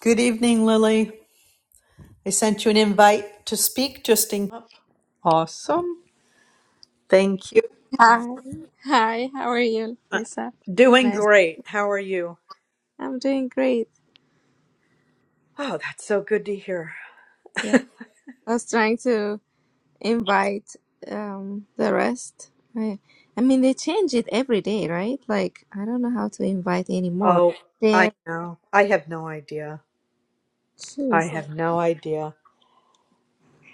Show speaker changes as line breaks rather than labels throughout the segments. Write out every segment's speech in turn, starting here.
Good evening, Lily. I sent you an invite to speak just in. Awesome. Thank you.
Hi, hi, how are you,
Uh,
Lisa?
Doing
Nice.
great. How are you?
I'm doing great.
Oh, that's so good to hear.
Yeah, I was trying to invite um the rest. I, I mean, they change it every day, right? Like, I don't know how to invite anymore.
Oh, I
They're
know. I have no idea. I
choose.
have no idea.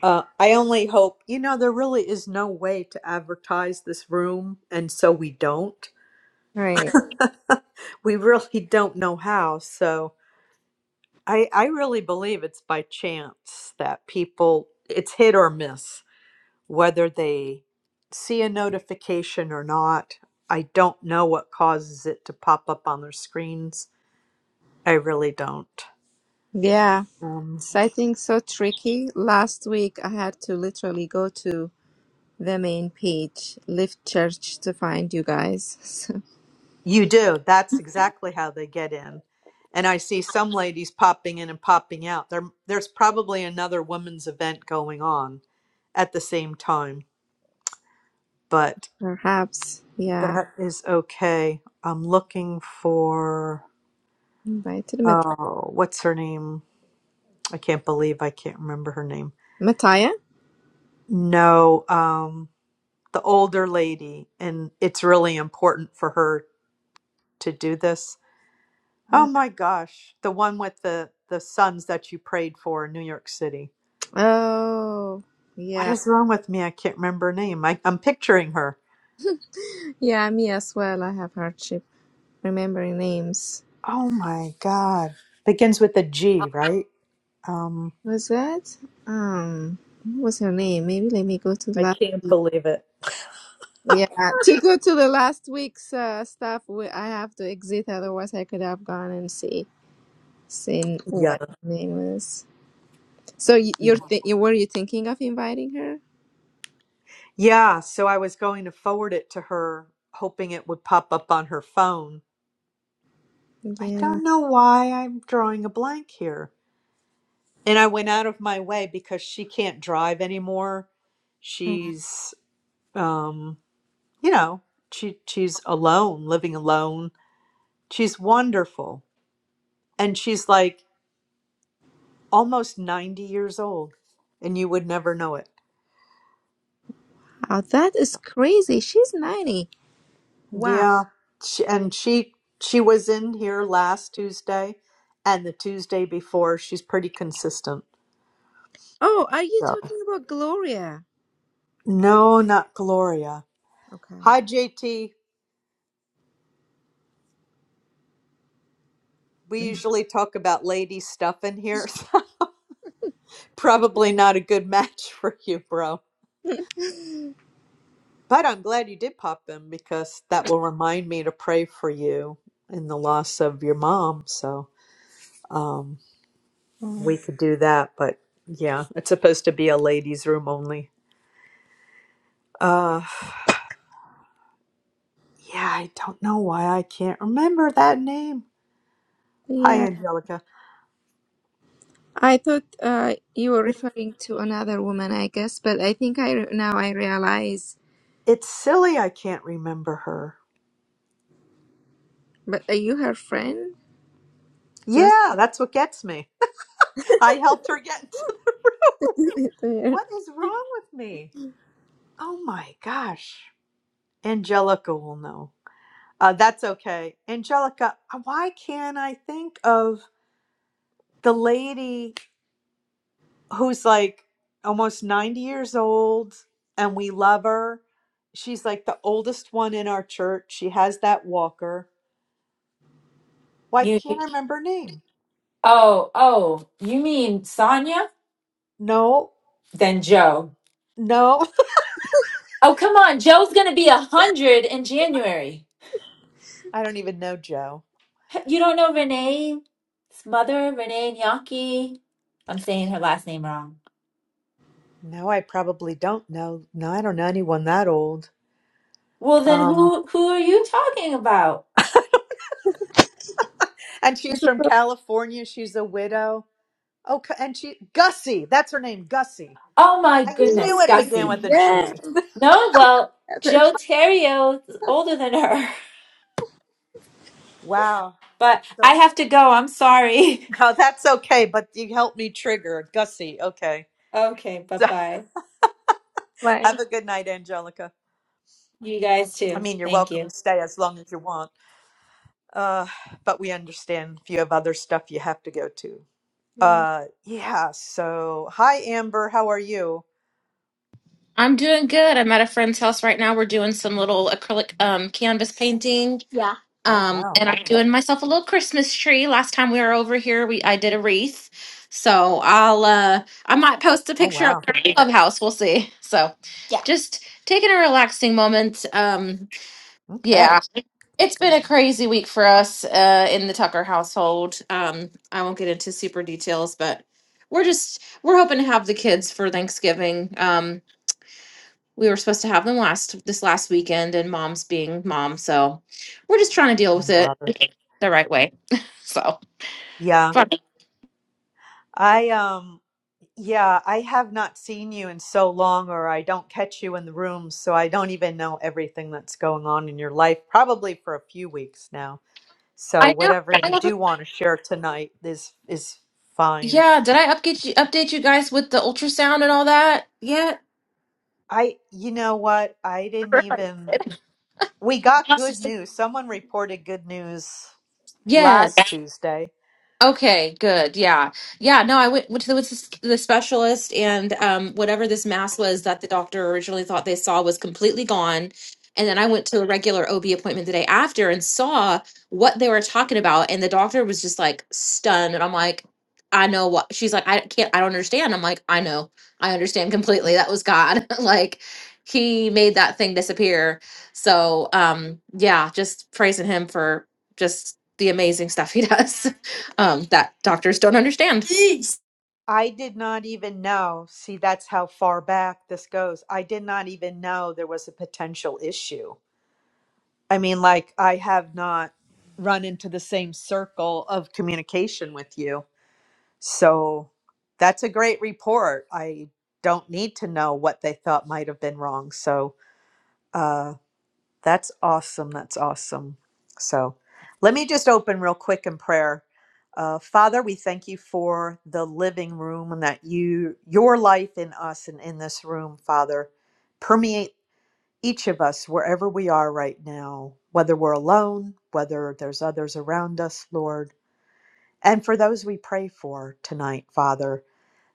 Uh, I only hope, you know, there really is no way to advertise this room, and so we don't.
Right.
we really don't know how. So I, I really believe it's by chance that people, it's hit or miss. whether they see a notification or not. I don't know what causes it to pop up on their screens. I really don't.
Yeah,
Um,
it's I think so tricky. Last week, I had to literally go to the main page, Lift Church, to find you guys. So
you do. That's exactly how they get in. And I see some ladies popping in and popping out. There, there's probably another women's event going on at the same time, but
perhaps, yeah,
that is okay. I'm looking for,
Invite to the
oh, what's her name? I can't believe I can't remember her name.
Mattia.
No, Um. the older lady and it's really important for her to do this. Oh my gosh, the one with the the sons that you prayed for in New York City.
Oh,
What
yeah.
is wrong with me? I can't remember her name. I, I'm picturing her.
Yeah, me as well. I have hardship remembering names.
Oh my god. Begins with a G, right? Um
Was that? Um, what was her name? Maybe let me go to the
I
last.
can't believe it.
Yeah, to go to the last week's uh, stuff, we, I have to exit. Otherwise, I could have gone and see seen
Yeah.
what her name is. So y-
yeah.
you're th- you were you thinking of inviting her?
yeah, so I was going to forward it to her hoping it would pop up on her phone. I
Yeah.
don't know why I'm drawing a blank here. and I went out of my way because she can't drive anymore. She's um, you know, she she's alone, living alone. She's wonderful. And she's like almost 90 years old and you would never know it.
Oh, that is crazy. She's ninety. Wow.
Yeah. She, and she she was in here last Tuesday and the Tuesday before. She's pretty consistent.
Oh, are you
So,
talking about Gloria?
no, not Gloria.
Okay.
Hi JT. We
Mhm.
usually talk about lady stuff in here. Probably not a good match for you, bro. But I'm glad you did pop them because that will remind me to pray for you in the loss of your mom. So um, we could do that. But yeah, it's supposed to be a ladies' room only. Uh, yeah, I don't know why I can't remember that name. Hi,
Mm.
Angelica.
I thought uh, you were
It,
referring to another woman, I guess, but I think I re- now I realize.
it's silly I can't remember her.
But are you her friend? Just
Yeah, that's what gets me. I helped her get into.
there.
What is wrong with me? Oh my gosh. Angelica will know. Uh, that's okay. Angelica, uh, why can't I think of the lady who's like almost 90 years old and we love her? She's like the oldest one in our church. She has that walker. Why
You
can't I remember her name?
oh oh you mean Sonia?
No,
Then Joe.
no.
Oh come on, Joe's gonna be a hundred in January.
I don't even know Joe.
You don't know Renee's mother, Renee Nyaki. I'm saying her last name wrong.
No, I probably don't know. No, I don't know anyone that old.
Well then
Um,
who who are you talking about?
and she's from California. She's a widow. Okay, and she Gussie. That's her name, Gussie.
Oh my
I knew
goodness,
it began
Gussie.
with a
yeah.
G.
No, well, Joe Terrio is older than her.
Wow.
But
So
I have to go, I'm sorry.
no, that's okay, but you helped me trigger Gussie. Okay.
Okay, bye
So
bye.
why.
have a good night, Angelica.
You guys
I
too.
mean, you're
Thank you.
welcome to stay as long as you want. Uh, but we understand if you have other stuff you have to go to. Uh, yeah. So hi, Amber. How are you?
I'm doing good. I'm at a friend's house right now. We're doing some little acrylic um, canvas painting. Yeah.
Oh
Um,
wow.
and I'm doing myself a little Christmas tree. Last time we were over here, we I did a wreath. So I'll uh I might post a
Oh
picture up
wow.
there in Clubhouse. We'll see. So Yeah. just taking a relaxing moment. Um
Okay.
yeah, it's been a crazy week for us uh in the Tucker household. Um I won't get into super details, but we're just we're hoping to have the kids for Thanksgiving. Um we were supposed to have them last this last weekend and mom's being mom so we're just trying to deal
Oh
with it
brother.
the right way so
Yeah.
fuck. it.
I um. Yeah, I have not seen you in so long, or I don't catch you in the room, so I don't even know everything that's going on in your life, probably for a few weeks now. So
I,
whatever
I
you
wasn't-
do want to share tonight is is fine.
yeah did i update you update you guys with the ultrasound and all that yet
I, you know what? I didn't even we got good news. Someone reported good news
yeah
last Tuesday.
Okay, good. Yeah. Yeah, no, I went, went to the, went to the specialist and um whatever this mass was that the doctor originally thought they saw was completely gone. And then I went to a regular OB appointment the day after and saw what they were talking about and the doctor was just like stunned and I'm like I know what she's like I can't I don't understand. I'm like I know. I understand completely. That was God. like he made that thing disappear. So, um yeah, just praising him for just the amazing stuff he does. um, that doctors don't understand. Jeez.
I did not even know. See, that's how far back this goes. I did not even know there was a potential issue I mean, like, I have not run into the same circle of communication with you. So that's a great report. I don't need to know what they thought might have been wrong. So uh, that's awesome. That's awesome. So let me just open real quick in prayer. Uh, Father, we thank you for the living room and that you, your life in us and in this room, Father, permeate each of us, wherever we are right now, whether we're alone, whether there's others around us, Lord, and for those we pray for tonight, Father,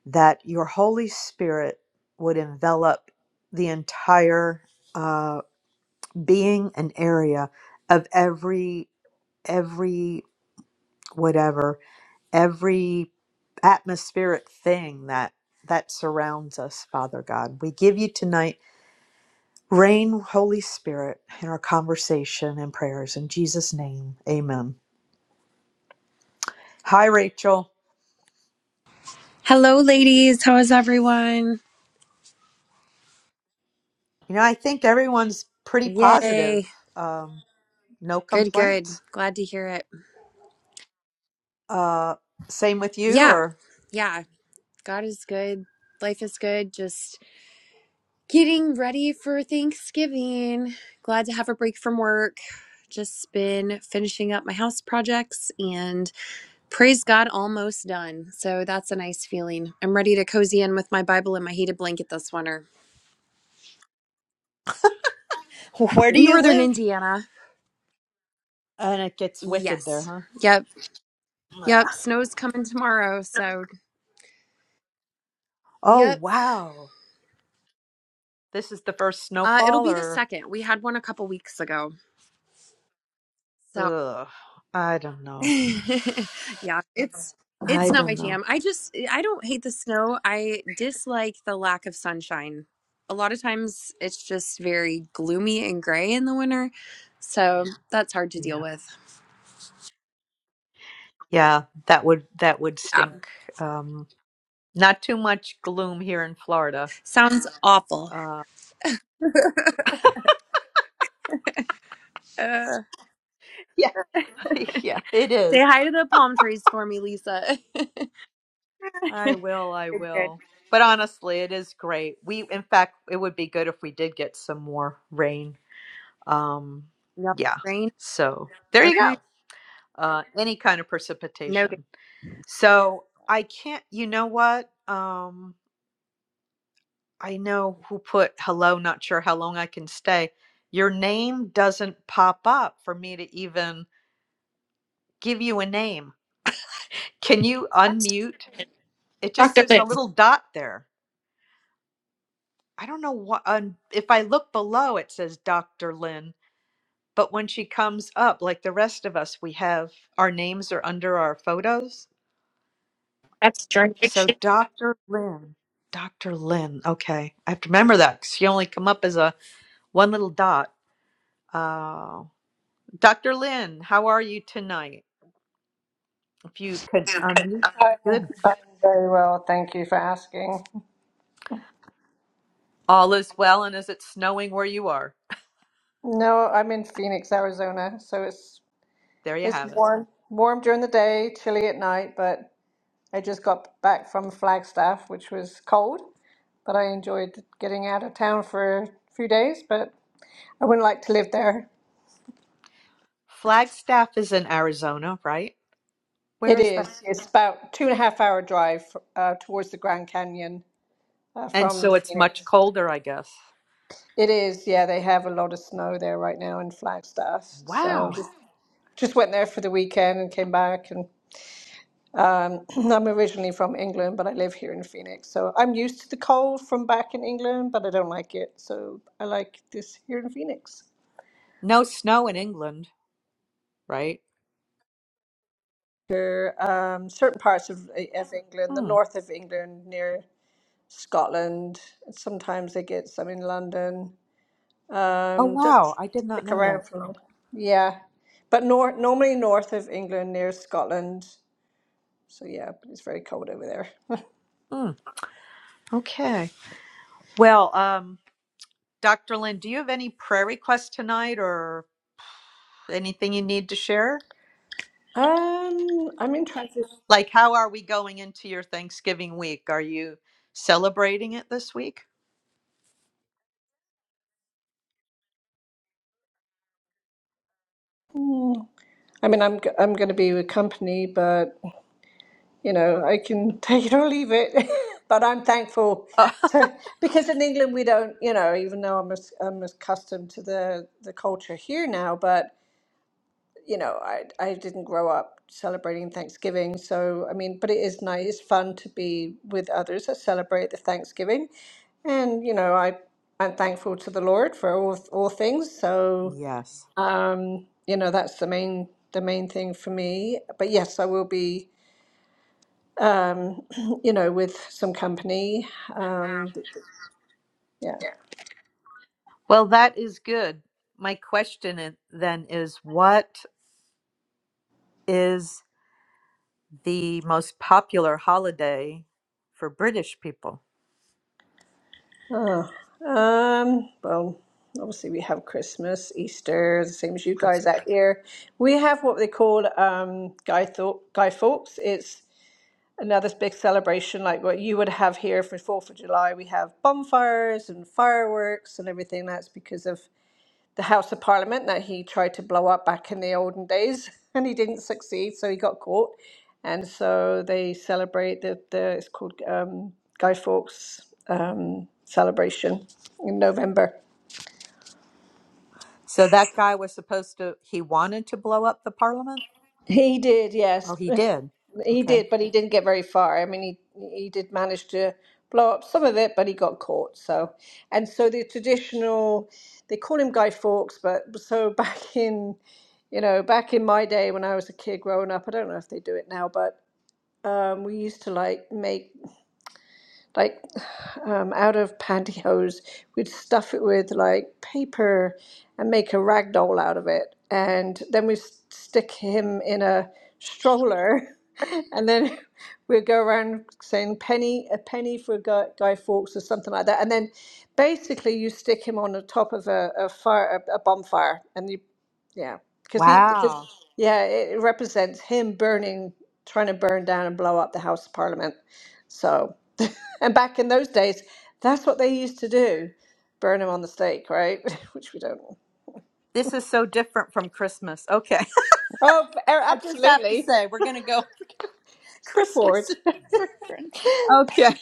that your Holy Spirit would envelop the entire uh, being and area of every, every, whatever, every atmospheric thing that that surrounds us father god we give you tonight Reign, Holy Spirit, in our conversation and prayers. In Jesus' name, amen. Hi, Rachel.
Hello, ladies. How is everyone?
You know, I think everyone's pretty positive.
Yay.
Um, no
Good, good.
complaints.
Glad to hear it.
Uh, same with you,
Yeah,
or?
yeah. God is good. Life is good. Just getting ready for Thanksgiving. Glad to have a break from work. Just been finishing up my house projects and praise God, almost done. So that's a nice feeling. I'm ready to cozy in with my Bible and my heated blanket this winter.
Where do you
Northern
live?
Indiana.
And it gets wicked there,
Yes.
huh?
Yep. Yep. Snow's coming tomorrow. So,
Oh,
yep.
wow. This is the first
Uh, it'll
snowfall,
be the
or?
second. We had one a couple weeks ago. So,
Ugh, I don't know.
yeah, it's it's
I
not my
don't know.
jam. I just eh, I don't hate the snow. I dislike the lack of sunshine. A lot of times it's just very gloomy and gray in the winter. So, that's hard to deal
Yeah.
with.
Yeah, that would that would
Yeah.
stink. Um, not too much gloom here in Florida.
Sounds awful.
Uh,
Uh,
Yeah, yeah, it
say
is.
hi to the palm trees for me, Lisa. good,
I will, I
good.
will. But honestly, it is great. We, in fact, it would be good if we did get some more rain. Um,
No
yeah.
rain.
So there you
Okay.
go. Uh, any kind of
No.
precipitation. So I can't, you know what? Um, I know who put hello, not sure how long I can stay. Your name doesn't pop up for me to even give you a name. Can you unmute? It just,
Doctor
there's a
Lynn,
little dot there. I don't know what um, if I look below, it says Dr. Lynn, but when she comes up, like the rest of us, we have our names are under our photos.
that's
So
jurisdiction.
Dr. Lynn, Dr. Lynn. Okay, I have to remember that 'cause she only come up as a one little dot. Oh, Dr. Lynn, how are you tonight? If you could
I'm,
unmute, good.
I'm very well, thank you for asking.
All is well, and is it snowing where you are?
No, I'm in Phoenix, Arizona, so it's
There you
it's
have it.
warm, warm during the day, chilly at night. But I just got back from Flagstaff, which was cold, but I enjoyed getting out of town for a few days. But I wouldn't like to live there.
Flagstaff is in Arizona, right? Where
It
is that?
is. It's about two and a half hour drive uh, towards the Grand Canyon uh,
And
from
so it's much
Phoenix.
colder, I guess.
It is. Yeah, they have a lot of snow there right now in Flagstaff, so.
Wow.
just went there for the weekend and came back and um, I'm originally from England, but I live here in Phoenix. So I'm used to the cold from back in England, but I don't like it. So I like this here in Phoenix.
No snow in England, right?
There um, certain parts of, eh, of England, the
Hmm.
north of England, near Scotland. Sometimes they get some in London.
Oh,
Um, doesn't
wow. I did not
stick
know that.
around for long. Yeah, but nor normally north of England, near Scotland. So yeah, but it's very cold over there.
Hmm. Okay. Well, um, Dr. Lynn, do you have any prayer requests tonight or anything you need to share?
Um, I'm in transit.
Like, how are we going into your Thanksgiving week? Are you celebrating it this week?
I mean, I'm g- I'm going to be with company, but you know, I can take it or leave it. but I'm thankful
Uh,
to because in England we don't, you know, even though I'm as, I'm accustomed to the the culture here now, but you know, I I didn't grow up celebrating Thanksgiving, so I mean, but it is nice, it's fun to be with others that celebrate the Thanksgiving, and you know, I I'm thankful to the Lord for all all things, so.
Yes.
Um, you know, that's the main the main thing for me. But yes, I will be um, you know, with some company. Um, yeah.
Well, that is good. My question i- then is what is. the most popular holiday for British people.
Um, well, obviously we have Christmas, Easter, the same as you
Chris-
guys out here. We have what they call um Guy Thorpe Guy Fawkes. It's another big celebration like what you would have here for Fourth of July. We have bonfires and fireworks and everything. That's because of the House of Parliament that he tried to blow up back in the olden days, and he didn't succeed, so he got caught. And so they celebrate the, the it's called um, Guy Fawkes um, celebration in November.
So that guy was supposed to, he wanted to blow up the parliament?
He did,
Oh,
yes.
he did.
He
Okay.
did, but he didn't get very far. I mean, he he did manage to blow up some of it, but he got caught. So, and so the traditional, they call him Guy Fawkes, but so back in, you know, back in my day when I was a kid growing up, I don't know if they do it now, but um, we used to like make like um, out of pantyhose. We'd stuff it with like paper and make a rag doll out of it. And then we'd s- stick him in a stroller. And then we'd go around saying penny, a penny for Guy, Guy Fawkes or something like that. And then basically you stick him on the top of a, a fire, a, a bonfire. And you, yeah, because he, because,
Wow.
yeah, it represents him burning, trying to burn down and blow up the House of Parliament. So. And back in those days, that's what they used to do burn them on the stake, right? Which we don't.
This is so different from Christmas. Okay.
Oh, b- er,
I just have to
absolutely.
say, we're going to go
Let's go
Christmas. is
forward. but
different. okay.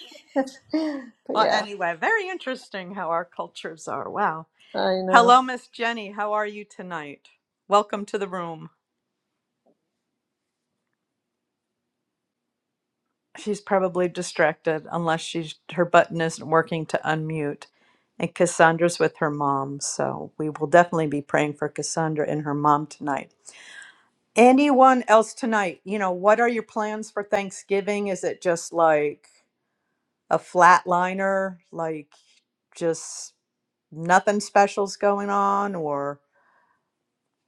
Well,
yeah,
anyway, very interesting how our cultures are. Wow.
I know.
Hello, Miss Jenny. How are you tonight? Welcome to the room. She's probably distracted unless she's her button isn't working to unmute. And Cassandra's with her mom, so we will definitely be praying for Cassandra and her mom tonight. Anyone else tonight? You know, what are your plans for Thanksgiving? Is it just like a flatliner, like just nothing special's going on or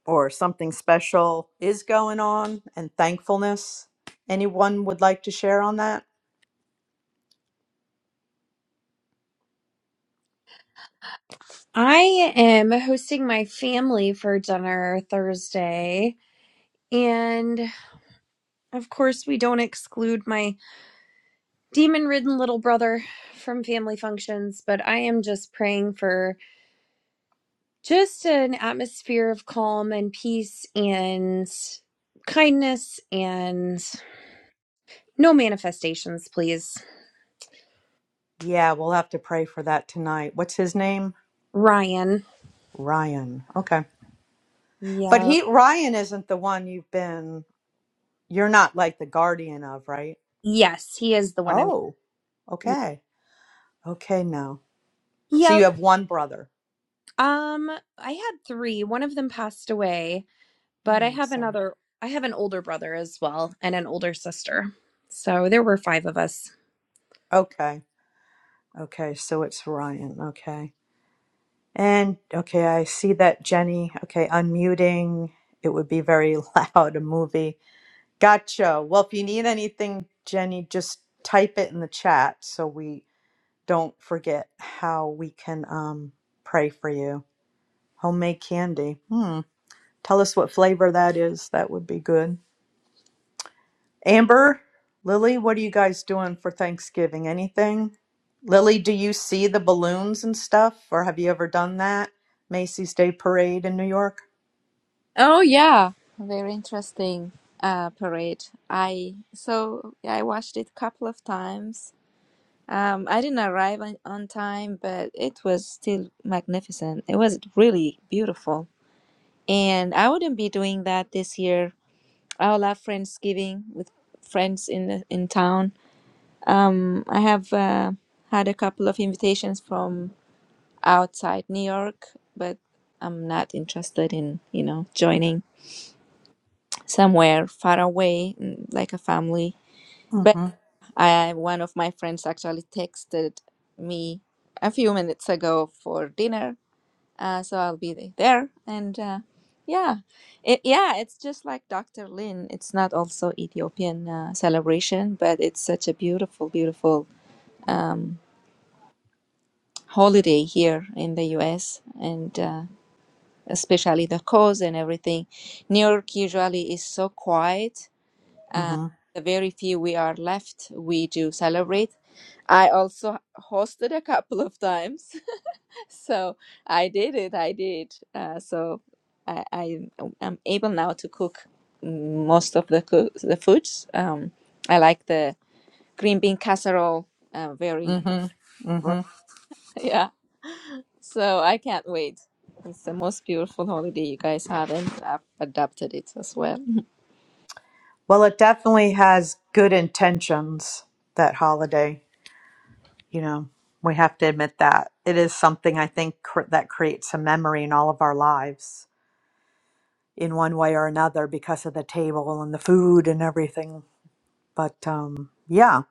or something special is going on and thankfulness? Anyone would like to share on that?
I am hosting my family for dinner Thursday. And of course, we don't exclude my demon ridden little brother from family functions, but I am just praying for just an atmosphere of calm and peace and kindness and no manifestations, please.
Yeah, we'll have to pray for that tonight. What's his name?
Ryan.
Ryan. Okay. But
Yep.
he Ryan isn't the one you've been you're not like the guardian of, right?
Yes, he is the one I'm.
Oh, okay. Okay now. So you
Yep.
have one brother.
Um, I had three. One of them passed away
Oh,
But I
I'm
have
sorry.
another, I have an older brother as well and an older sister. So there were five of us.
Okay. Okay, so it's Ryan. Okay. And okay, I see that Jenny. Okay, unmuting. It would be very loud, a movie. Gotcha. Well, if you need anything, Jenny, just type it in the chat so we don't forget how we can um, pray for you. Homemade candy. Hmm. Tell us what flavor that is. That would be good. Amber, Lily, what are you guys doing for Thanksgiving? Anything? Lily, do you see the balloons and stuff, or have you ever done that? Macy's Day Parade in New York?
Oh yeah, very interesting uh, parade. I so yeah, I watched it a couple of times. Um, I didn't arrive on, on time, but it was still magnificent. It was really beautiful, and I wouldn't be doing that this year I love Friendsgiving with friends in the, in town. Um, I have uh, had a couple of invitations from outside New York, but I'm not interested in you know joining somewhere far away mm, like a family. But
Mhm.
I one of my friends actually texted me a few minutes ago for dinner uh, so I'll be the- there. And uh, yeah, it, yeah, it's just like Dr. Lin. It's not also Ethiopian uh, celebration, but it's such a beautiful, beautiful um, holiday here in the U.S. and uh, especially the cause and everything. New York usually is so quiet. Uh,
Mhm.
the very few we are left, we do celebrate. I also hosted a couple of times So I did it. I did. Uh, so I, I am able now to cook most of the coo- the foods. Um, I like the green bean casserole. Uh, very
Mhm.
Right.
Mhm.
yeah. So I can't wait. It's the most beautiful holiday you guys have, and I've adapted it as well.
Well, it definitely has good intentions that holiday, you know. We have to admit that. It is something I think cr- that creates a memory in all of our lives in one way or another because of the table and the food and everything. But um yeah,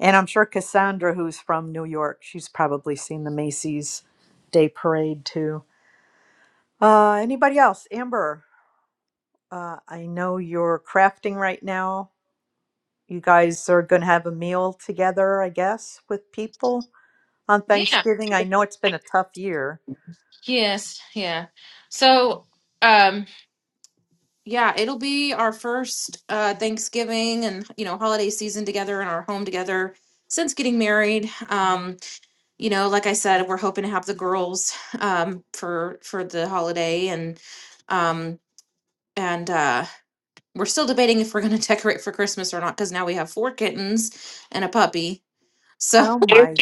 and I'm sure Cassandra who's from New York, she's probably seen the Macy's Day Parade too. Uh anybody else? Amber, uh I know you're crafting right now you guys are going to have a meal together, I guess, with people on
Yeah.
Thanksgiving. I know it's been a tough year.
Yes. Yeah. So, um, yeah, it'll be our first uh, Thanksgiving and you know holiday season together in our home together since getting married. Um, you know, like I said, we're hoping to have the girls um, for for the holiday and um, and uh, we're still debating if we're going to decorate for Christmas or not because now we have four kittens and a puppy. So
Oh my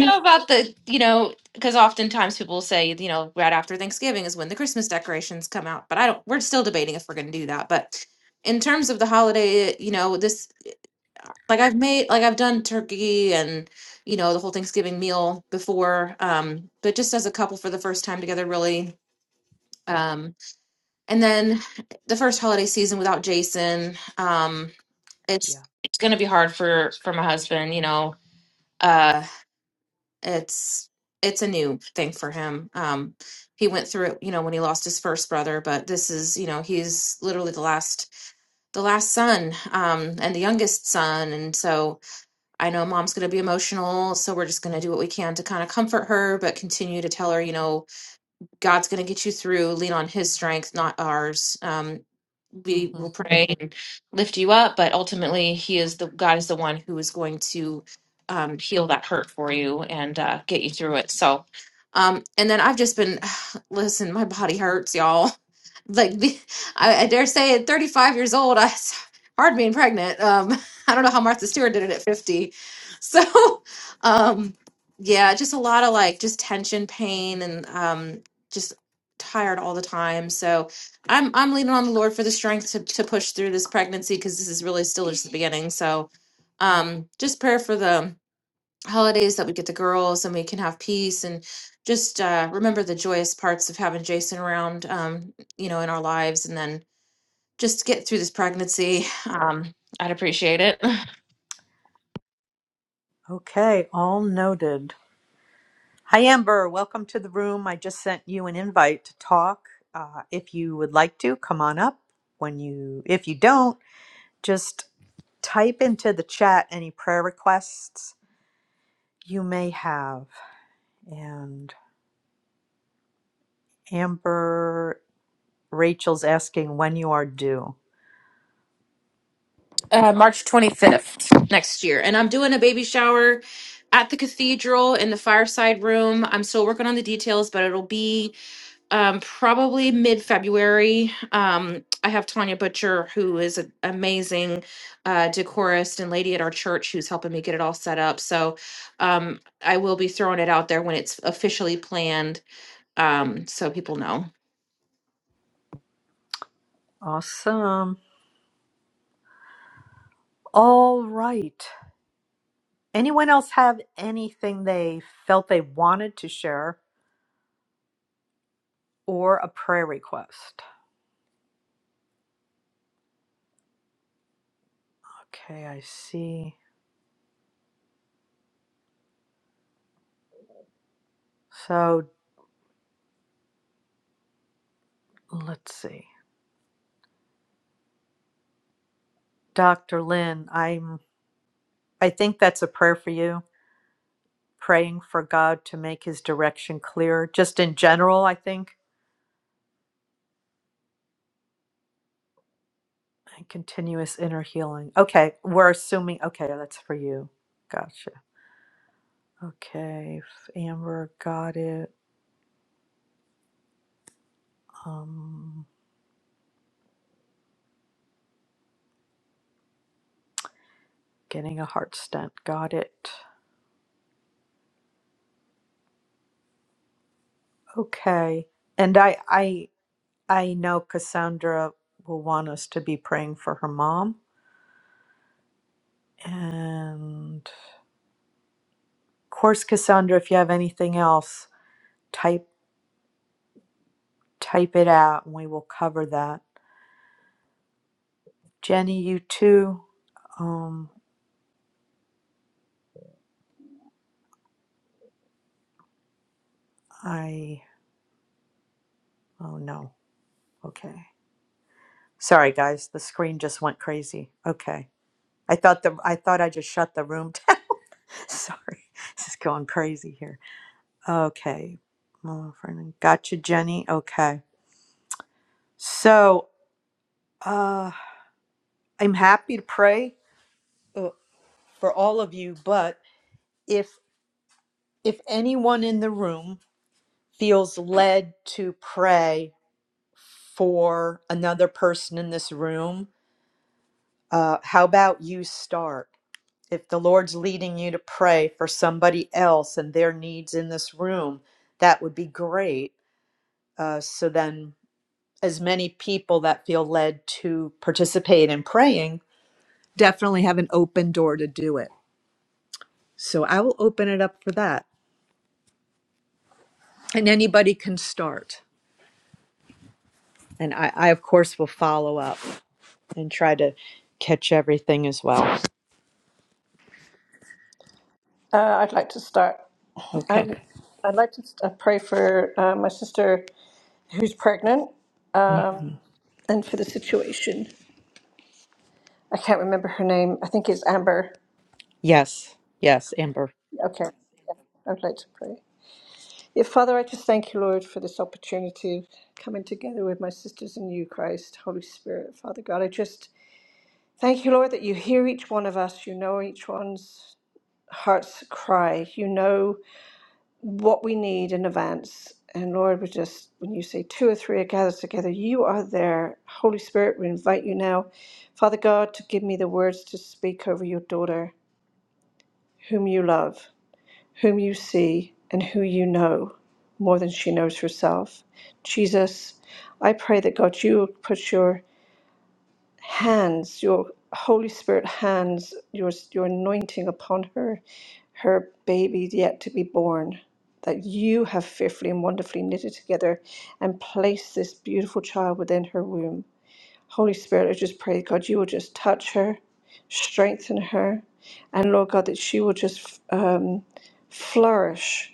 you know about the you know because oftentimes people say you know right after thanksgiving is when the christmas decorations come out but i don't we're still debating if we're going to do that but in terms of the holiday you know this like i've made like i've done turkey and you know the whole thanksgiving meal before um but just as a couple for the first time together really um and then the first holiday season without jason um
Yeah.
it's it's going to be hard for for my husband you know uh, it's it's a new thing for him. Um, he went through it, you know, when he lost his first brother, but this is, you know, he's literally the last the last son um, and the youngest son, and so I know mom's going to be emotional, so we're just going to do what we can to kind of comfort her, but continue to tell her, you know, God's going to get you through. Lean on His strength, not ours. Um, we
hmm
will pray and lift you up but ultimately he is the god is the one who is going to um, heal that hurt for you and uh, get you through it so um, and then i've just been listen my body hurts y'all like the, I, I dare say at 35 years old I, it's hard being pregnant um, i don't know how martha stewart did it at 50 so um, yeah just a lot of like just tension pain and um, just tired all the time so I'm I'm leaning on the Lord for the strength to, to push through this pregnancy because this is really still just the beginning. So, um, just prayer for the holidays that we get the girls and we can have peace and just uh, remember the joyous parts of having Jason around, um, you know, in our lives, and then just get through this pregnancy. Um, I'd appreciate it.
Okay, all noted. Hi, Amber. Welcome to the room. I just sent you an invite to talk. Uh, if you would like to, come on up. When you, if you don't, Just type into the chat any prayer requests you may have. And Amber, Rachel's asking when you are due.
Uh, March 25th next year, and I'm doing a baby shower at the cathedral in the fireside room. I'm still working on the details, but it'll be um, probably mid February. Um, I have Tanya Butcher, who is an amazing uh, decorist and lady at our church, who's helping me get it all set up. So um, I will be throwing it out there when it's officially planned, um, so people know.
Awesome. All right. Anyone else have anything they felt they wanted to share or a prayer request? Okay, I see. So let's see. Dr. Lynn, I'm I think that's a prayer for you. Praying for God to make his direction clear. Just in general, I think And continuous inner healing. Okay, we're assuming. Okay, that's for you. Gotcha. Okay, if Amber got it. Um, getting a heart stent. Got it. Okay, and I I I know Cassandra will want us to be praying for her mom. And of course, Cassandra, if you have anything else, type type it out, and we will cover that. Jenny, you too. Um, I. Oh no. Okay. Sorry, guys, the screen just went crazy. Okay. I thought the I thought I just shut the room down. Sorry. This is going crazy here. Okay. Well, friend, Gotcha, Jenny. Okay. So, uh I'm happy to pray uh, for all of you, but if if anyone in the room feels led to pray for another person in this room, uh how about you start? if the Lord's leading you to pray for somebody else and their needs in this room, that would be great. Uh, so then, as many people that feel led to participate in praying definitely have an open door to do it. So I will open it up for that. And anybody can start. And I, I of course, will follow up and try to catch everything as well.
Uh, I'd like to start.
Okay.
Um, I'd like to st- uh, pray for uh, my sister who's pregnant
Mhm.
and for the situation. I can't remember her name. I think it's Amber.
Yes. Yes, Amber.
Okay. I'd like to pray. Yeah, Father, I just thank you, Lord, for this opportunity of coming together with my sisters in you, Christ, Holy Spirit, Father God. I just thank you, Lord, that you hear each one of us. You know each one's heart's cry. You know what we need in advance. And Lord, we just, when you say two or three are gathered together, you are there. Holy Spirit, we invite you now, Father God, to give me the words to speak over your daughter, whom you love. whom you see and who you know more than she knows herself. Jesus, I pray that God, you would put your hands, your Holy Spirit hands, your, your anointing upon her, her baby yet to be born, that you have fearfully and wonderfully knitted together and placed this beautiful child within her womb. Holy Spirit, I just pray, God, you will just touch her, strengthen her, and Lord God, that she will just. um, flourish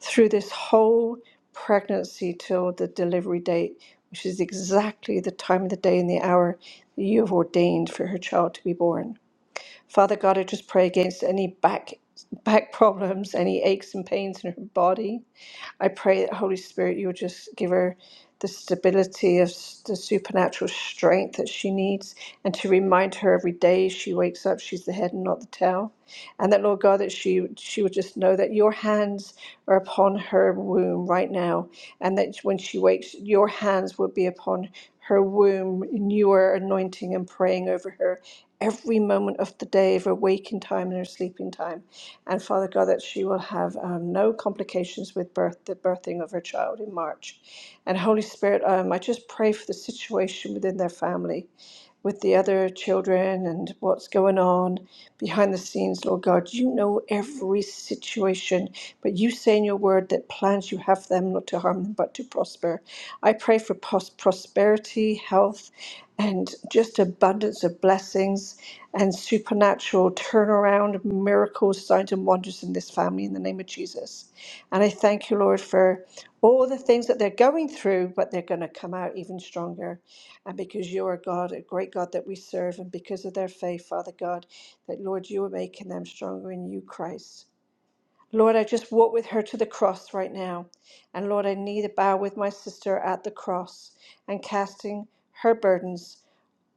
through this whole pregnancy till the delivery date, which is exactly the time of the day and the hour that you have ordained for her child to be born. Father God, I just pray against any back back problems, any aches and pains in her body. I pray that Holy Spirit, you would just give her the stability of s- the supernatural strength that she needs, and to remind her every day she wakes up, she's the head and not the tail, and that Lord God, that she she would just know that your hands are upon her womb right now, and that when she wakes, your hands would be upon her womb, and you are anointing and praying over her every moment of the day, of her waking time and her sleeping time and Father God, that she will have um, no complications with birth, the birthing of her child in March. And Holy Spirit, um, I just pray for the situation within their family with the other children and what's going on behind the scenes, Lord God. You know every situation, but you say in your word that plans you have for them not to harm them but to prosper. I pray for pros- prosperity, health, and just abundance of blessings and supernatural turnaround, miracles, signs, and wonders in this family in the name of Jesus. And I thank you, Lord, for all the things that they're going through, but they're going to come out even stronger. And because you are God, a great God that we serve, and because of their faith, Father God, that Lord, you are making them stronger in you, Christ. Lord, I just walk with her to the cross right now. And Lord, I kneel to bow with my sister at the cross and casting her burdens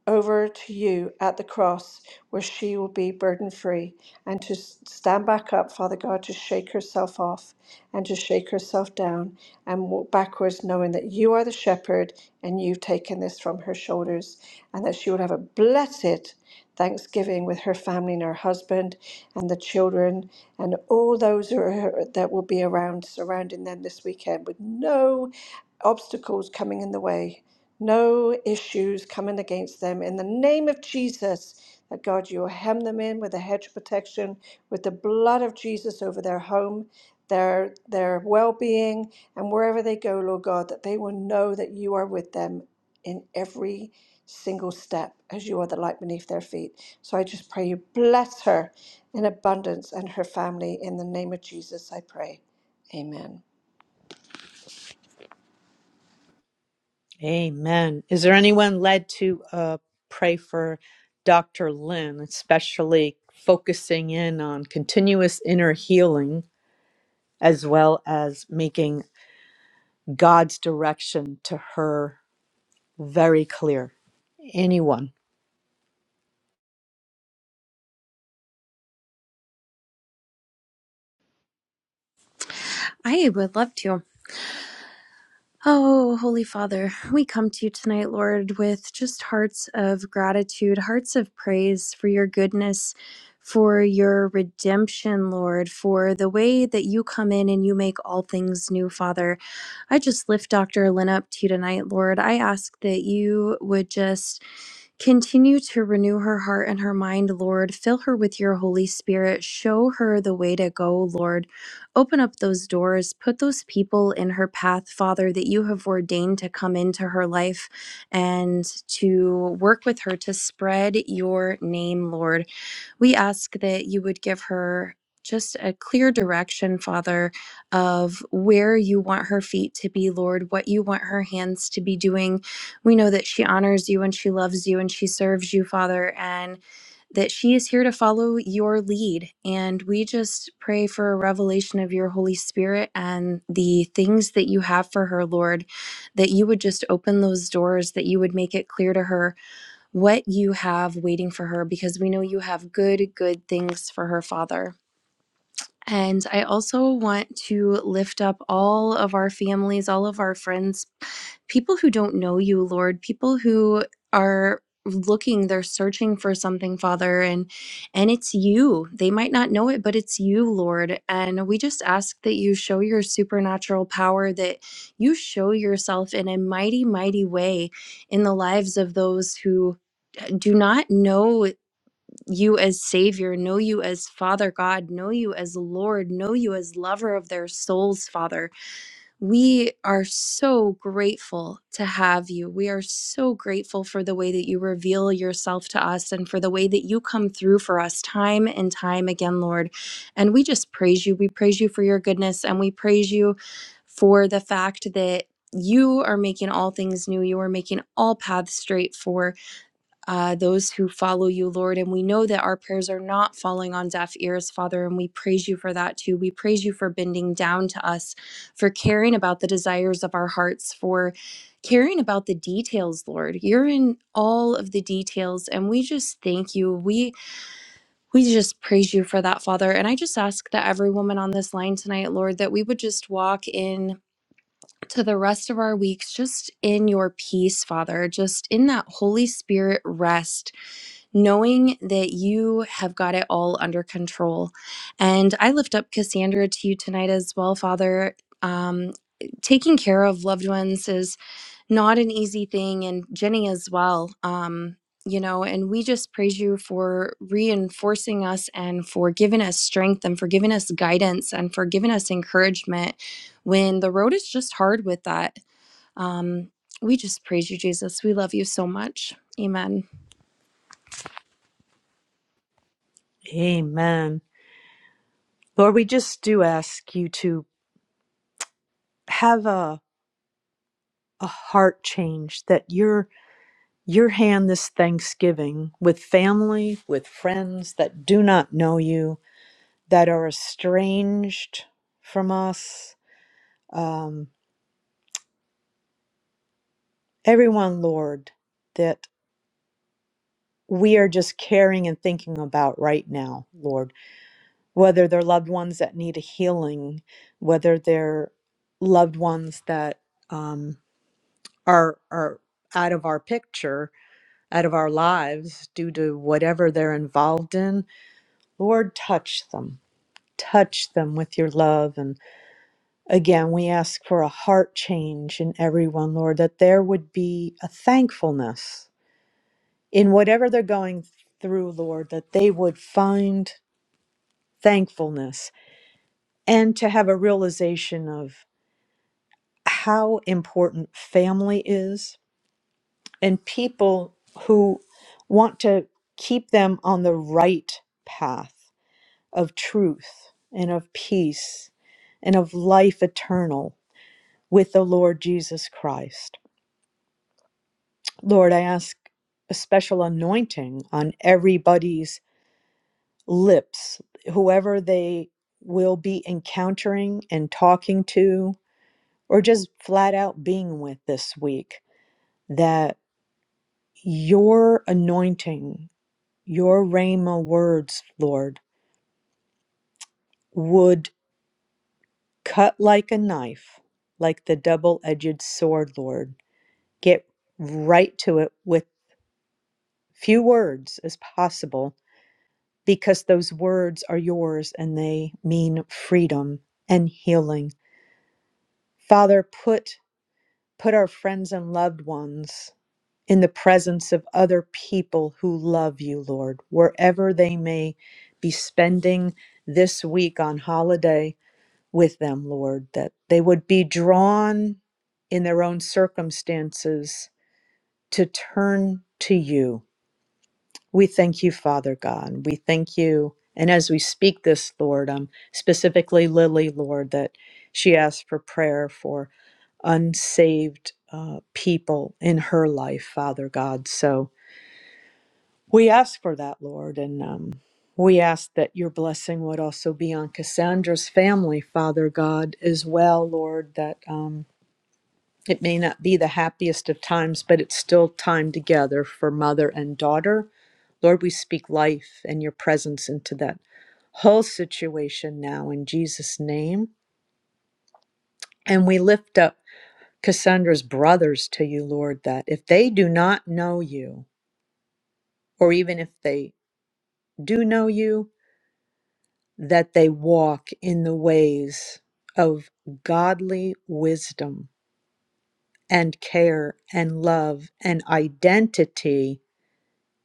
over to you at the cross where she will be burden free and to s- stand back up, Father God, to shake herself off and to shake herself down and walk backwards, knowing that you are the shepherd and you've taken this from her shoulders, and that she will have a blessed Thanksgiving with her family and her husband and the children and all those who are, that will be around surrounding them this weekend with no obstacles coming in the way no issues coming against them. In the name of Jesus, that God, you will hem them in with a hedge of protection, with the blood of Jesus over their home, their their well-being, and wherever they go, Lord God, that they will know that you are with them in every single step as you are the light beneath their feet. So I just pray you bless her in abundance and her family in the name of Jesus, I pray. Amen.
Amen. Is there anyone led to uh, pray for Dr. Lynn, especially focusing in on continuous inner healing as well as making God's direction to her very clear? Anyone?
I would love to. Oh, Holy Father, we come to you tonight, Lord, with just hearts of gratitude, hearts of praise for your goodness, for your redemption, Lord, for the way that you come in and you make all things new, Father. I just lift Dr. Lynn up to you tonight, Lord. I ask that you would just continue to renew her heart and her mind, Lord. Fill her with your Holy Spirit. Show her the way to go, Lord. Open up those doors. Put those people in her path, Father, that you have ordained to come into her life and to work with her to spread your name, Lord. We ask that you would give her just a clear direction, Father of where you want her feet to be, Lord, what you want her hands to be doing. We know that she honors you and she loves you and she serves you, Father, and that she is here to follow your lead. And we just pray for a revelation of your Holy Spirit and the things that you have for her, Lord, that you would just open those doors, that you would make it clear to her what you have waiting for her, because we know you have good, good things for her, Father. And I also want to lift up all of our families, all of our friends, people who don't know you, Lord, people who are looking, they're searching for something, Father, and and it's you. They might not know it, but it's you, Lord. And we just ask that you show your supernatural power that you show yourself in a mighty mighty way in the lives of those who uh, do not know you as Savior, know you as Father God, know you as Lord, know you as lover of their souls, Father. We are so grateful to have you. We are so grateful for the way that you reveal yourself to us and for the way that you come through for us time and time again, Lord. And we just praise you. We praise you for your goodness and we praise you for the fact that. You are making all things new. You are making all paths straight for uh, those who follow you, Lord. And we know that our prayers are not falling on deaf ears, Father, and we praise you for that too. We praise you for bending down to us, for caring about the desires of our hearts, for caring about the details, Lord. You're in all of the details, and we just thank you. We we just praise you for that, Father. And I just ask that every woman on this line tonight, Lord, that we would just walk in to the rest of our weeks just in your peace, Father, just in that Holy Spirit rest knowing that you have got it all under control. And I lift up Cassandra to you tonight as well, Father. Um, taking care of loved ones is not an easy thing, and Jenny as well. Um, you know, and we just praise you for reinforcing us and for giving us strength and for giving us guidance and for giving us encouragement when the road is just hard with that. Um, we just praise you, Jesus. We love you so much. Amen.
Amen. Lord, we just do ask you to have a, a heart change that your your hand this Thanksgiving with family, with friends that do not know you, that are estranged from us, um, everyone, Lord, that we are just caring and thinking about right now, Lord, whether they're loved ones that need a healing, whether they're loved ones that um, are are out of our picture, out of our lives due to whatever they're involved in, Lord, touch them, touch them with your love Again, we ask for a heart change in everyone, Lord, that there would be a thankfulness in whatever they're going through, Lord, that they would find thankfulness and to have a realization of how important family is and people who want to keep them on the right path of truth and of peace and of life eternal with the Lord Jesus Christ. Lord, I ask a special anointing on everybody's lips, whoever they will be encountering and talking to, or just flat out being with this week, that your anointing, your Rhema words, Lord, would cut like a knife, like the double edged sword, Lord. Get right to it with few words as possible because those words are yours and they mean freedom and healing. Father, put put our friends and loved ones in the presence of other people who love you, Lord, wherever they may be spending this week on holiday with them, Lord, that they would be drawn in their own circumstances to turn to you We thank you, Father God. We thank you. And as we speak this, Lord, um, specifically Lily, Lord, that she asked for prayer for unsaved uh, people in her life, Father God. So we ask for that, Lord. And um, we ask that your blessing would also be on Cassandra's family, Father God, as well, Lord, that. Um, it may not be the happiest of times, but it's still time together for mother and daughter. Lord, we speak life and your presence into that whole situation now in Jesus' name. And we lift up Cassandra's brothers to you, Lord, that if they do not know you, or even if they do know you, that they walk in the ways of godly wisdom and care and love and identity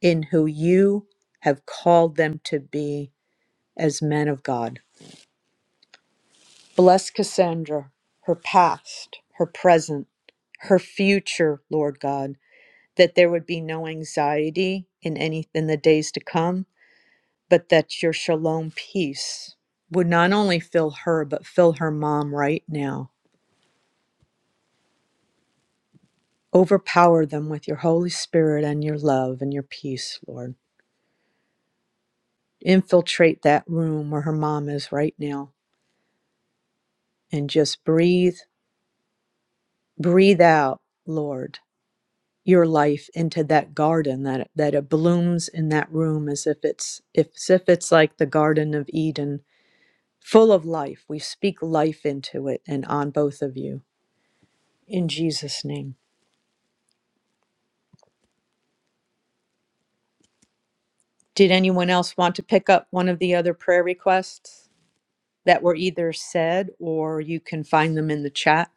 in who you have called them to be as men of God. Bless Cassandra, her past, her present, her future, Lord God, that there would be no anxiety in any in the days to come, but that your shalom peace would not only fill her but fill her mom right now. Overpower them with your Holy Spirit and your love and your peace, Lord. Infiltrate that room where her mom is right now and just breathe breathe out, Lord, your life into that garden that that it blooms in that room as if it's if, as if it's like the Garden of Eden, full of life. We speak life into it and on both of you in Jesus' name. Did anyone else want to pick up one of the other prayer requests that were either said or you can find them in the chat?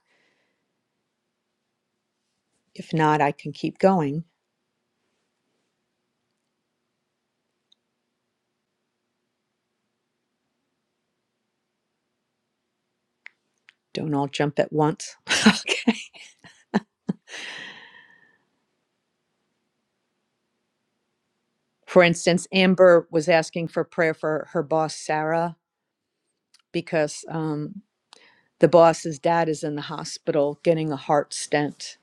If not, I can keep going. Don't all jump at once. okay. For instance, Amber was asking for prayer for her boss, Sarah because um, the boss's dad is in the hospital getting a heart stent.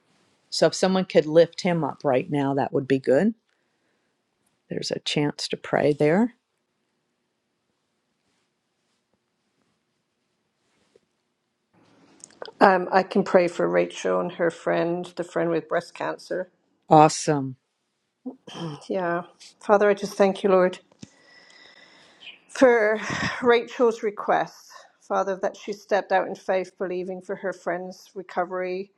So if someone could lift him up right now, that would be good. There's a chance to pray there.
Um, I can pray for Rachel and her friend, the friend with breast cancer.
Awesome.
Yeah. Father, I just thank you, Lord, for Rachel's request. Father, that she stepped out in faith, believing for her friend's recovery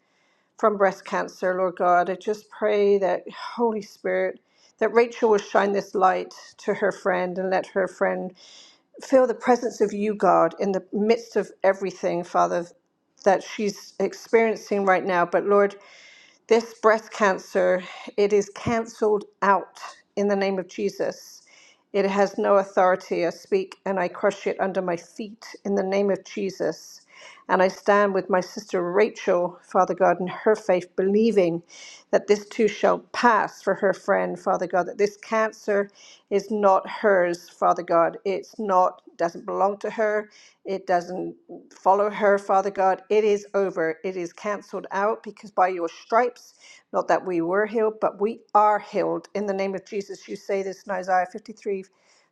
from breast cancer, Lord God. I just pray that, Holy Spirit, that Rachel will shine this light to her friend and let her friend feel the presence of you, God, in the midst of everything, Father, that she's experiencing right now. But Lord, this breast cancer, it is canceled out in the name of Jesus. It has no authority. I speak and I crush it under my feet in the name of Jesus. And I stand with my sister Rachel, Father God, in her faith, believing that this too shall pass for her friend, Father God, that this cancer is not hers, Father God. It's not, doesn't belong to her. It doesn't follow her, Father God. It is over. It is cancelled out because by your stripes, not that we were healed, but we are healed. In the name of Jesus, you say this in Isaiah 53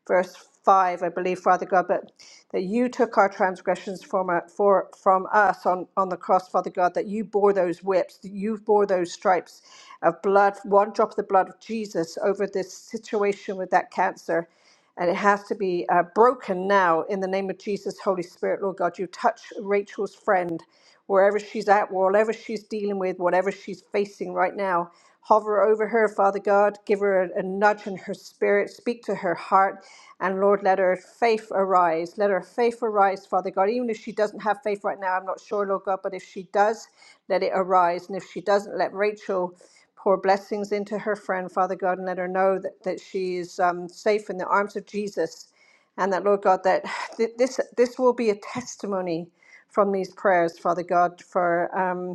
verse 5, I believe, Father God, but that you took our transgressions from, our, for, from us on, on the cross, Father God, that you bore those whips, that you bore those stripes of blood, one drop of the blood of Jesus over this situation with that cancer. And it has to be uh, broken now in the name of Jesus, Holy Spirit, Lord God. You touch Rachel's friend wherever she's at, whatever she's dealing with, whatever she's facing right now. Hover over her, Father God. Give her a, a nudge in her spirit. Speak to her heart. And Lord, let her faith arise. Let her faith arise, Father God. Even if she doesn't have faith right now, I'm not sure, Lord God, but if she does, let it arise. And if she doesn't, let Rachel pour blessings into her friend, Father God, and let her know that, that she is um, safe in the arms of Jesus. And that, Lord God, that th- this, this will be a testimony from these prayers, Father God, for. Um,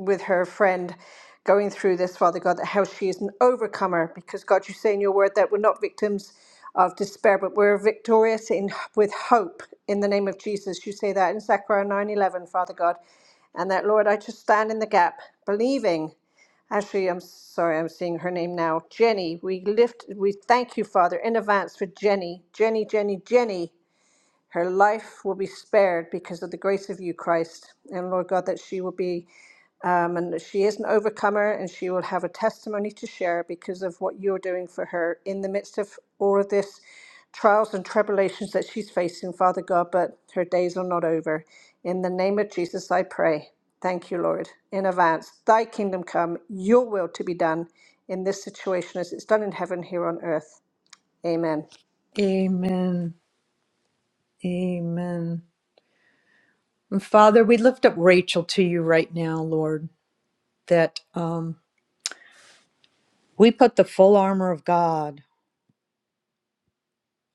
with her friend going through this, Father God, that how she is an overcomer because God, you say in your word that we're not victims of despair, but we're victorious in with hope in the name of Jesus. You say that in Zechariah 9:11, Father God. And that, Lord, I just stand in the gap, believing. Actually, I'm sorry, I'm seeing her name now. Jenny, we lift, we thank you, Father, in advance for Jenny. Jenny, Jenny, Jenny. Her life will be spared because of the grace of you, Christ. And Lord God, that she will be um, and she is an overcomer and she will have a testimony to share because of what you're doing for her in the midst of all of this trials and tribulations that she's facing, Father God, but her days are not over. In the name of Jesus, I pray. Thank you, Lord, in advance. Thy kingdom come, your will to be done in this situation as it's done in heaven here on earth. Amen.
Amen. Amen. And Father, we lift up Rachel to you right now, Lord, that um, we put the full armor of God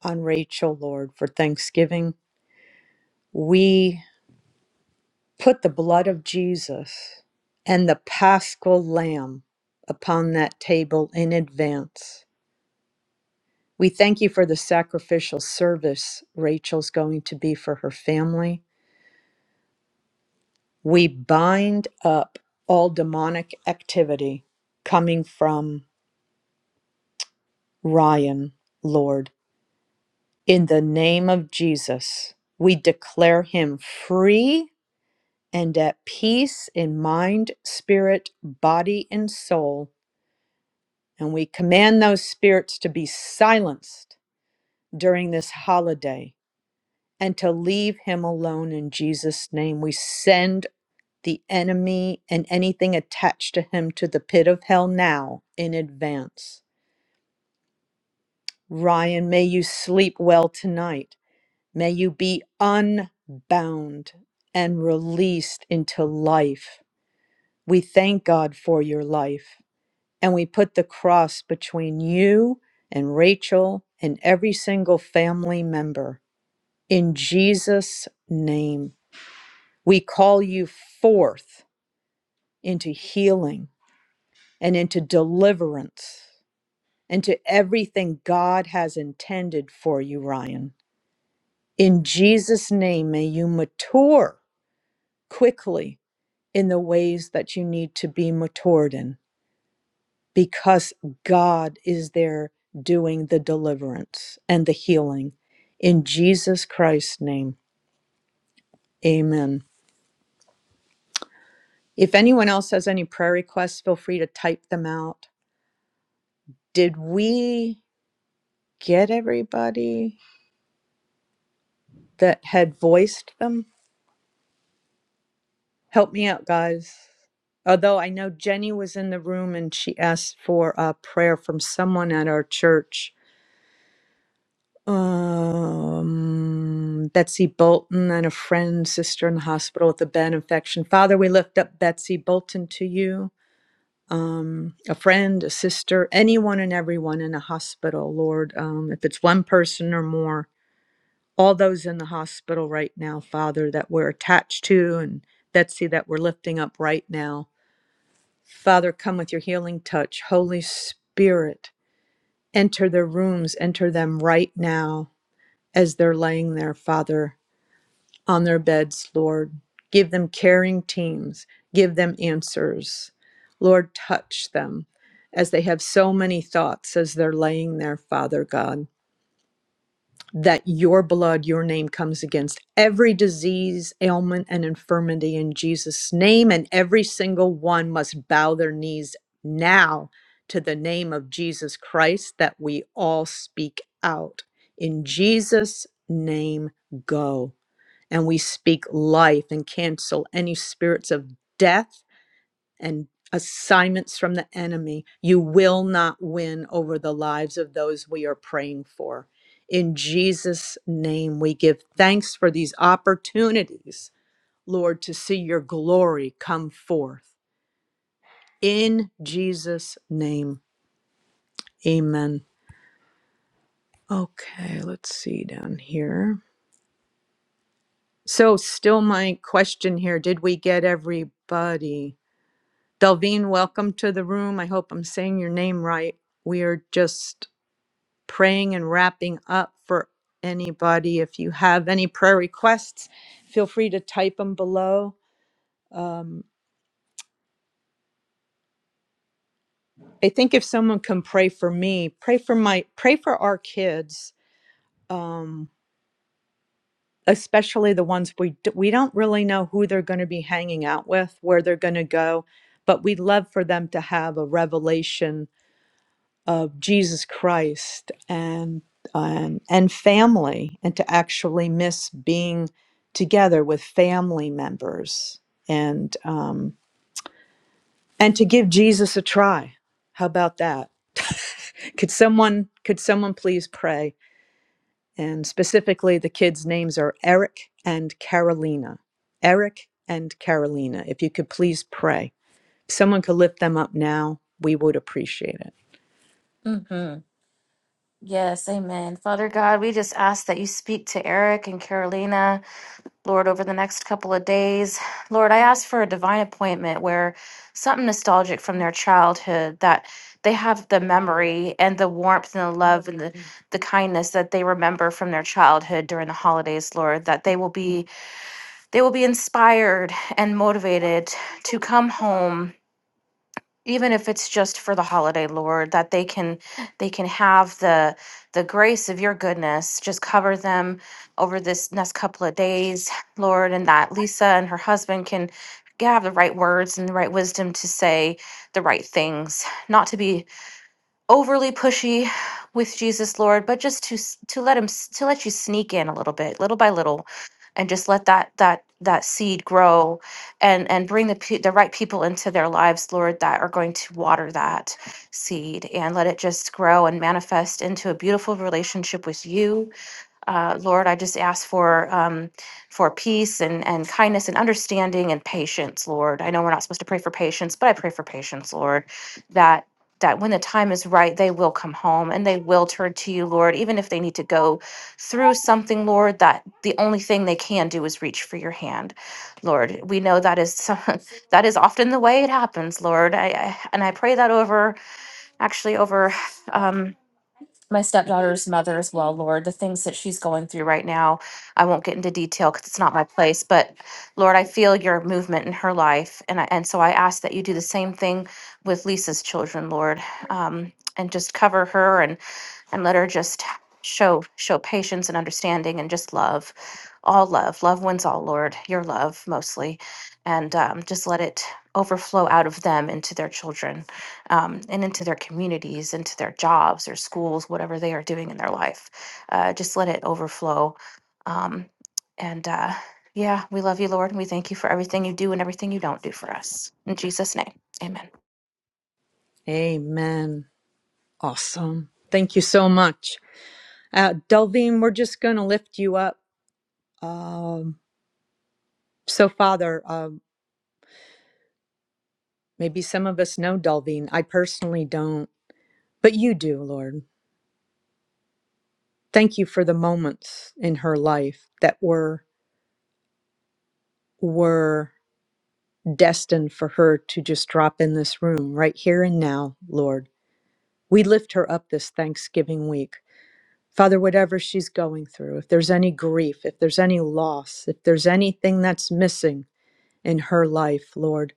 on Rachel, Lord, for Thanksgiving. We put the blood of Jesus and the paschal lamb upon that table in advance. We thank you for the sacrificial service Rachel's going to be for her family. We bind up all demonic activity coming from Ryan, Lord. In the name of Jesus, we declare him free and at peace in mind, spirit, body, and soul And we command those spirits to be silenced during this holiday and to leave him alone in Jesus' name. We send the enemy and anything attached to him to the pit of hell now in advance. Ryan, may you sleep well tonight. May you be unbound and released into life. We thank God for your life. And we put the cross between you and Rachel and every single family member. In Jesus' name, we call you forth into healing and into deliverance and to everything God has intended for you, Ryan. In Jesus' name, may you mature quickly in the ways that you need to be matured in. because God is there doing the deliverance and the healing. In Jesus Christ's name, amen. If anyone else has any prayer requests, feel free to type them out. Did we get everybody that had voiced them? Help me out, guys. Although I know Jenny was in the room and she asked for a prayer from someone at our church. Um, Betsy Bolton and a friend, sister in the hospital with a bad infection. Father, we lift up Betsy Bolton to you. Um, a friend, a sister, anyone and everyone in a hospital, Lord. Um, if it's one person or more, all those in the hospital right now, Father, that we're attached to, and Betsy that we're lifting up right now. Father, come with your healing touch. Holy Spirit, enter their rooms, enter them right now as they're laying there, Father on their beds, Lord. Give them caring teams, give them answers. Lord, touch them as they have so many thoughts as they're laying there, Father God, that your blood, your name comes against every disease, ailment, and infirmity in Jesus' name, and every single one must bow their knees now to the name of Jesus Christ that we all speak out. In Jesus' name, go and we speak life and cancel any spirits of death and assignments from the enemy. You will not win over the lives of those we are praying for. In Jesus' name, we give thanks for these opportunities, Lord, to see your glory come forth. In Jesus' name, amen. Okay, let's see down here. So, still my question here did we get everybody? Delvine, welcome to the room. I hope I'm saying your name right. We are just praying and wrapping up for anybody. If you have any prayer requests, feel free to type them below. Um, I think if someone can pray for me, pray for my, pray for our kids, um, especially the ones we d- we don't really know who they're going to be hanging out with, where they're going to go, but we'd love for them to have a revelation of Jesus Christ and and and family and to actually miss being together with family members and um, and to give Jesus a try. How about that? could someone could someone please pray? And specifically, the kids' names are Eric and Carolina. Eric and Carolina. If you could please pray, if someone could lift them up now. We would appreciate it.
Mm-hmm. Yes, amen. Father God, we just ask that you speak to Eric and Carolina. Lord, over the next couple of days. Lord, I ask for a divine appointment where something nostalgic from their childhood that they have the memory and the warmth and the love and the, the kindness that they remember from their childhood during the holidays, Lord, that they will be they will be inspired and motivated to come home even if it's just for the holiday lord that they can they can have the the grace of your goodness just cover them over this next couple of days lord and that lisa and her husband can yeah, have the right words and the right wisdom to say the right things not to be overly pushy with Jesus, Lord, but just to s- to let him s- to let you sneak in a little bit, little by little, and just let that that that seed grow, and and bring the pe- the right people into their lives, Lord, that are going to water that seed and let it just grow and manifest into a beautiful relationship with you uh, Lord, I just ask for um, for peace and, and kindness and understanding and patience, Lord. I know we're not supposed to pray for patience, but I pray for patience, Lord, that that when the time is right, they will come home and they will turn to you, Lord, even if they need to go through something, Lord, that the only thing they can do is reach for your hand. Lord, we know that is some, that is often the way it happens, Lord. I, I and I pray that over actually over um my stepdaughter's mother as well, Lord, the things that she's going through right now. I won't get into detail because it's not my place, but Lord, I feel your movement in her life. And, I, and so I ask that you do the same thing with Lisa's children, Lord, um, and just cover her. and and let her just show show patience and understanding and just love all love love wins all lord your love mostly and um, just let it overflow out of them into their children um, and into their communities into their jobs their schools whatever they are doing in their life uh, just let it overflow um, and uh, yeah we love you lord and we thank you for everything you do and everything you don't do for us in jesus name amen
Amen. Awesome. Thank you so much. Uh, Delvine, we're just going to lift you up. Um, so, Father, um, maybe some of us know Delvine. I personally don't, but you do, Lord. Thank you for the moments in her life that were were destined for her to just drop in this room right here and now, Lord. We lift her up this Thanksgiving week. Father, whatever she's going through, if there's any grief, if there's any loss, if there's anything that's missing, in her life, Lord.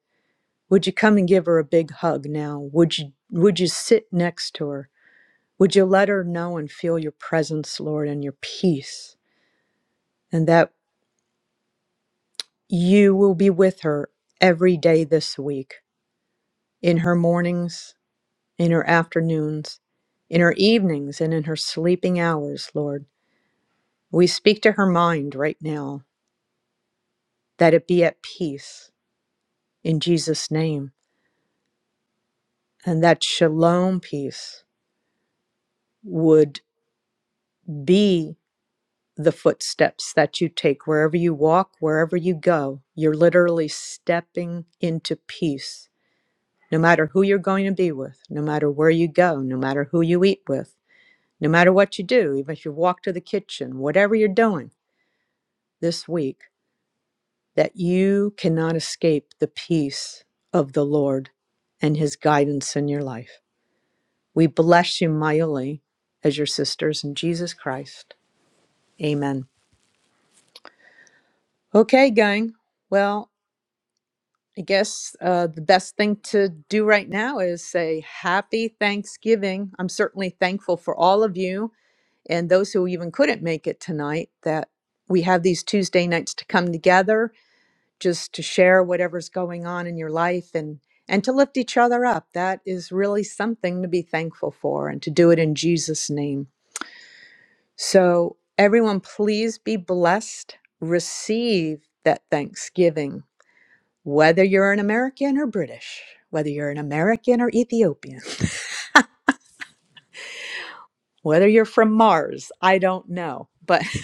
Would you come and give her a big hug now? Would you would you sit next to her? Would you let her know and feel your presence, Lord, and your peace, and that you will be with her every day this week, in her mornings, in her afternoons, in her evenings, and in her sleeping hours, Lord. We speak to her mind right now that it be at peace in Jesus' name, and that shalom peace would be the footsteps that you take wherever you walk, wherever you go. You're literally stepping into peace, no matter who you're going to be with, no matter where you go, no matter who you eat with, no matter what you do, even if you walk to the kitchen, whatever you're doing this week, that you cannot escape the peace of the Lord and his guidance in your life. We bless you mightily as your sisters in Jesus Christ. Amen. Okay, gang. Well, I guess uh, the best thing to do right now is say happy Thanksgiving. I'm certainly thankful for all of you and those who even couldn't make it tonight that we have these Tuesday nights to come together just to share whatever's going on in your life and and to lift each other up. That is really something to be thankful for and to do it in Jesus name. So everyone please be blessed, receive that Thanksgiving whether you're an American or British, whether you're an American or Ethiopian, whether you're from Mars, I don't know. But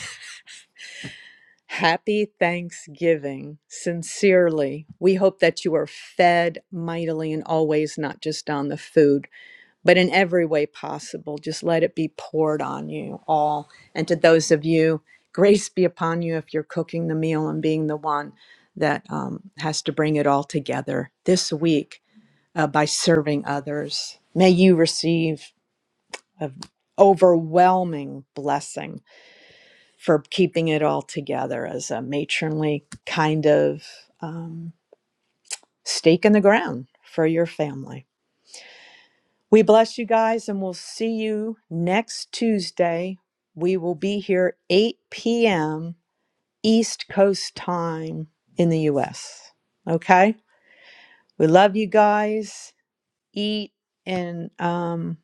happy Thanksgiving. Sincerely, we hope that you are fed mightily and always, not just on the food, but in every way possible. Just let it be poured on you all. And to those of you, grace be upon you if you're cooking the meal and being the one that um, has to bring it all together this week uh, by serving others. May you receive an overwhelming blessing for keeping it all together as a matronly kind of um, stake in the ground for your family. We bless you guys and we'll see you next Tuesday. We will be here 8 p.m. East Coast time in the U.S. Okay? We love you guys. Eat and um,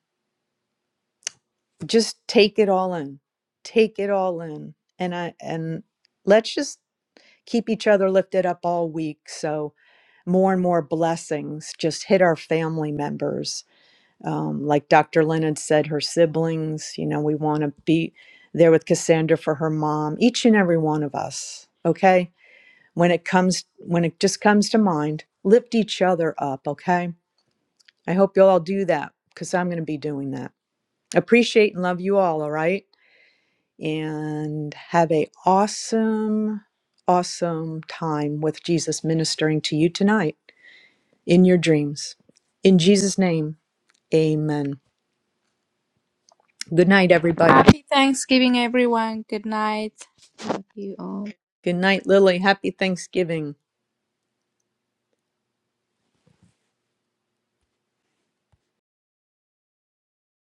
just take it all in take it all in and i and let's just keep each other lifted up all week so more and more blessings just hit our family members um, like dr leonard said her siblings you know we want to be there with cassandra for her mom each and every one of us okay when it comes when it just comes to mind lift each other up okay i hope you'll all do that because i'm going to be doing that appreciate and love you all all right and have a awesome awesome time with Jesus ministering to you tonight in your dreams in Jesus name amen good night everybody
Happy Thanksgiving, everyone. Good night. Thank you all.
good night lily happy thanksgiving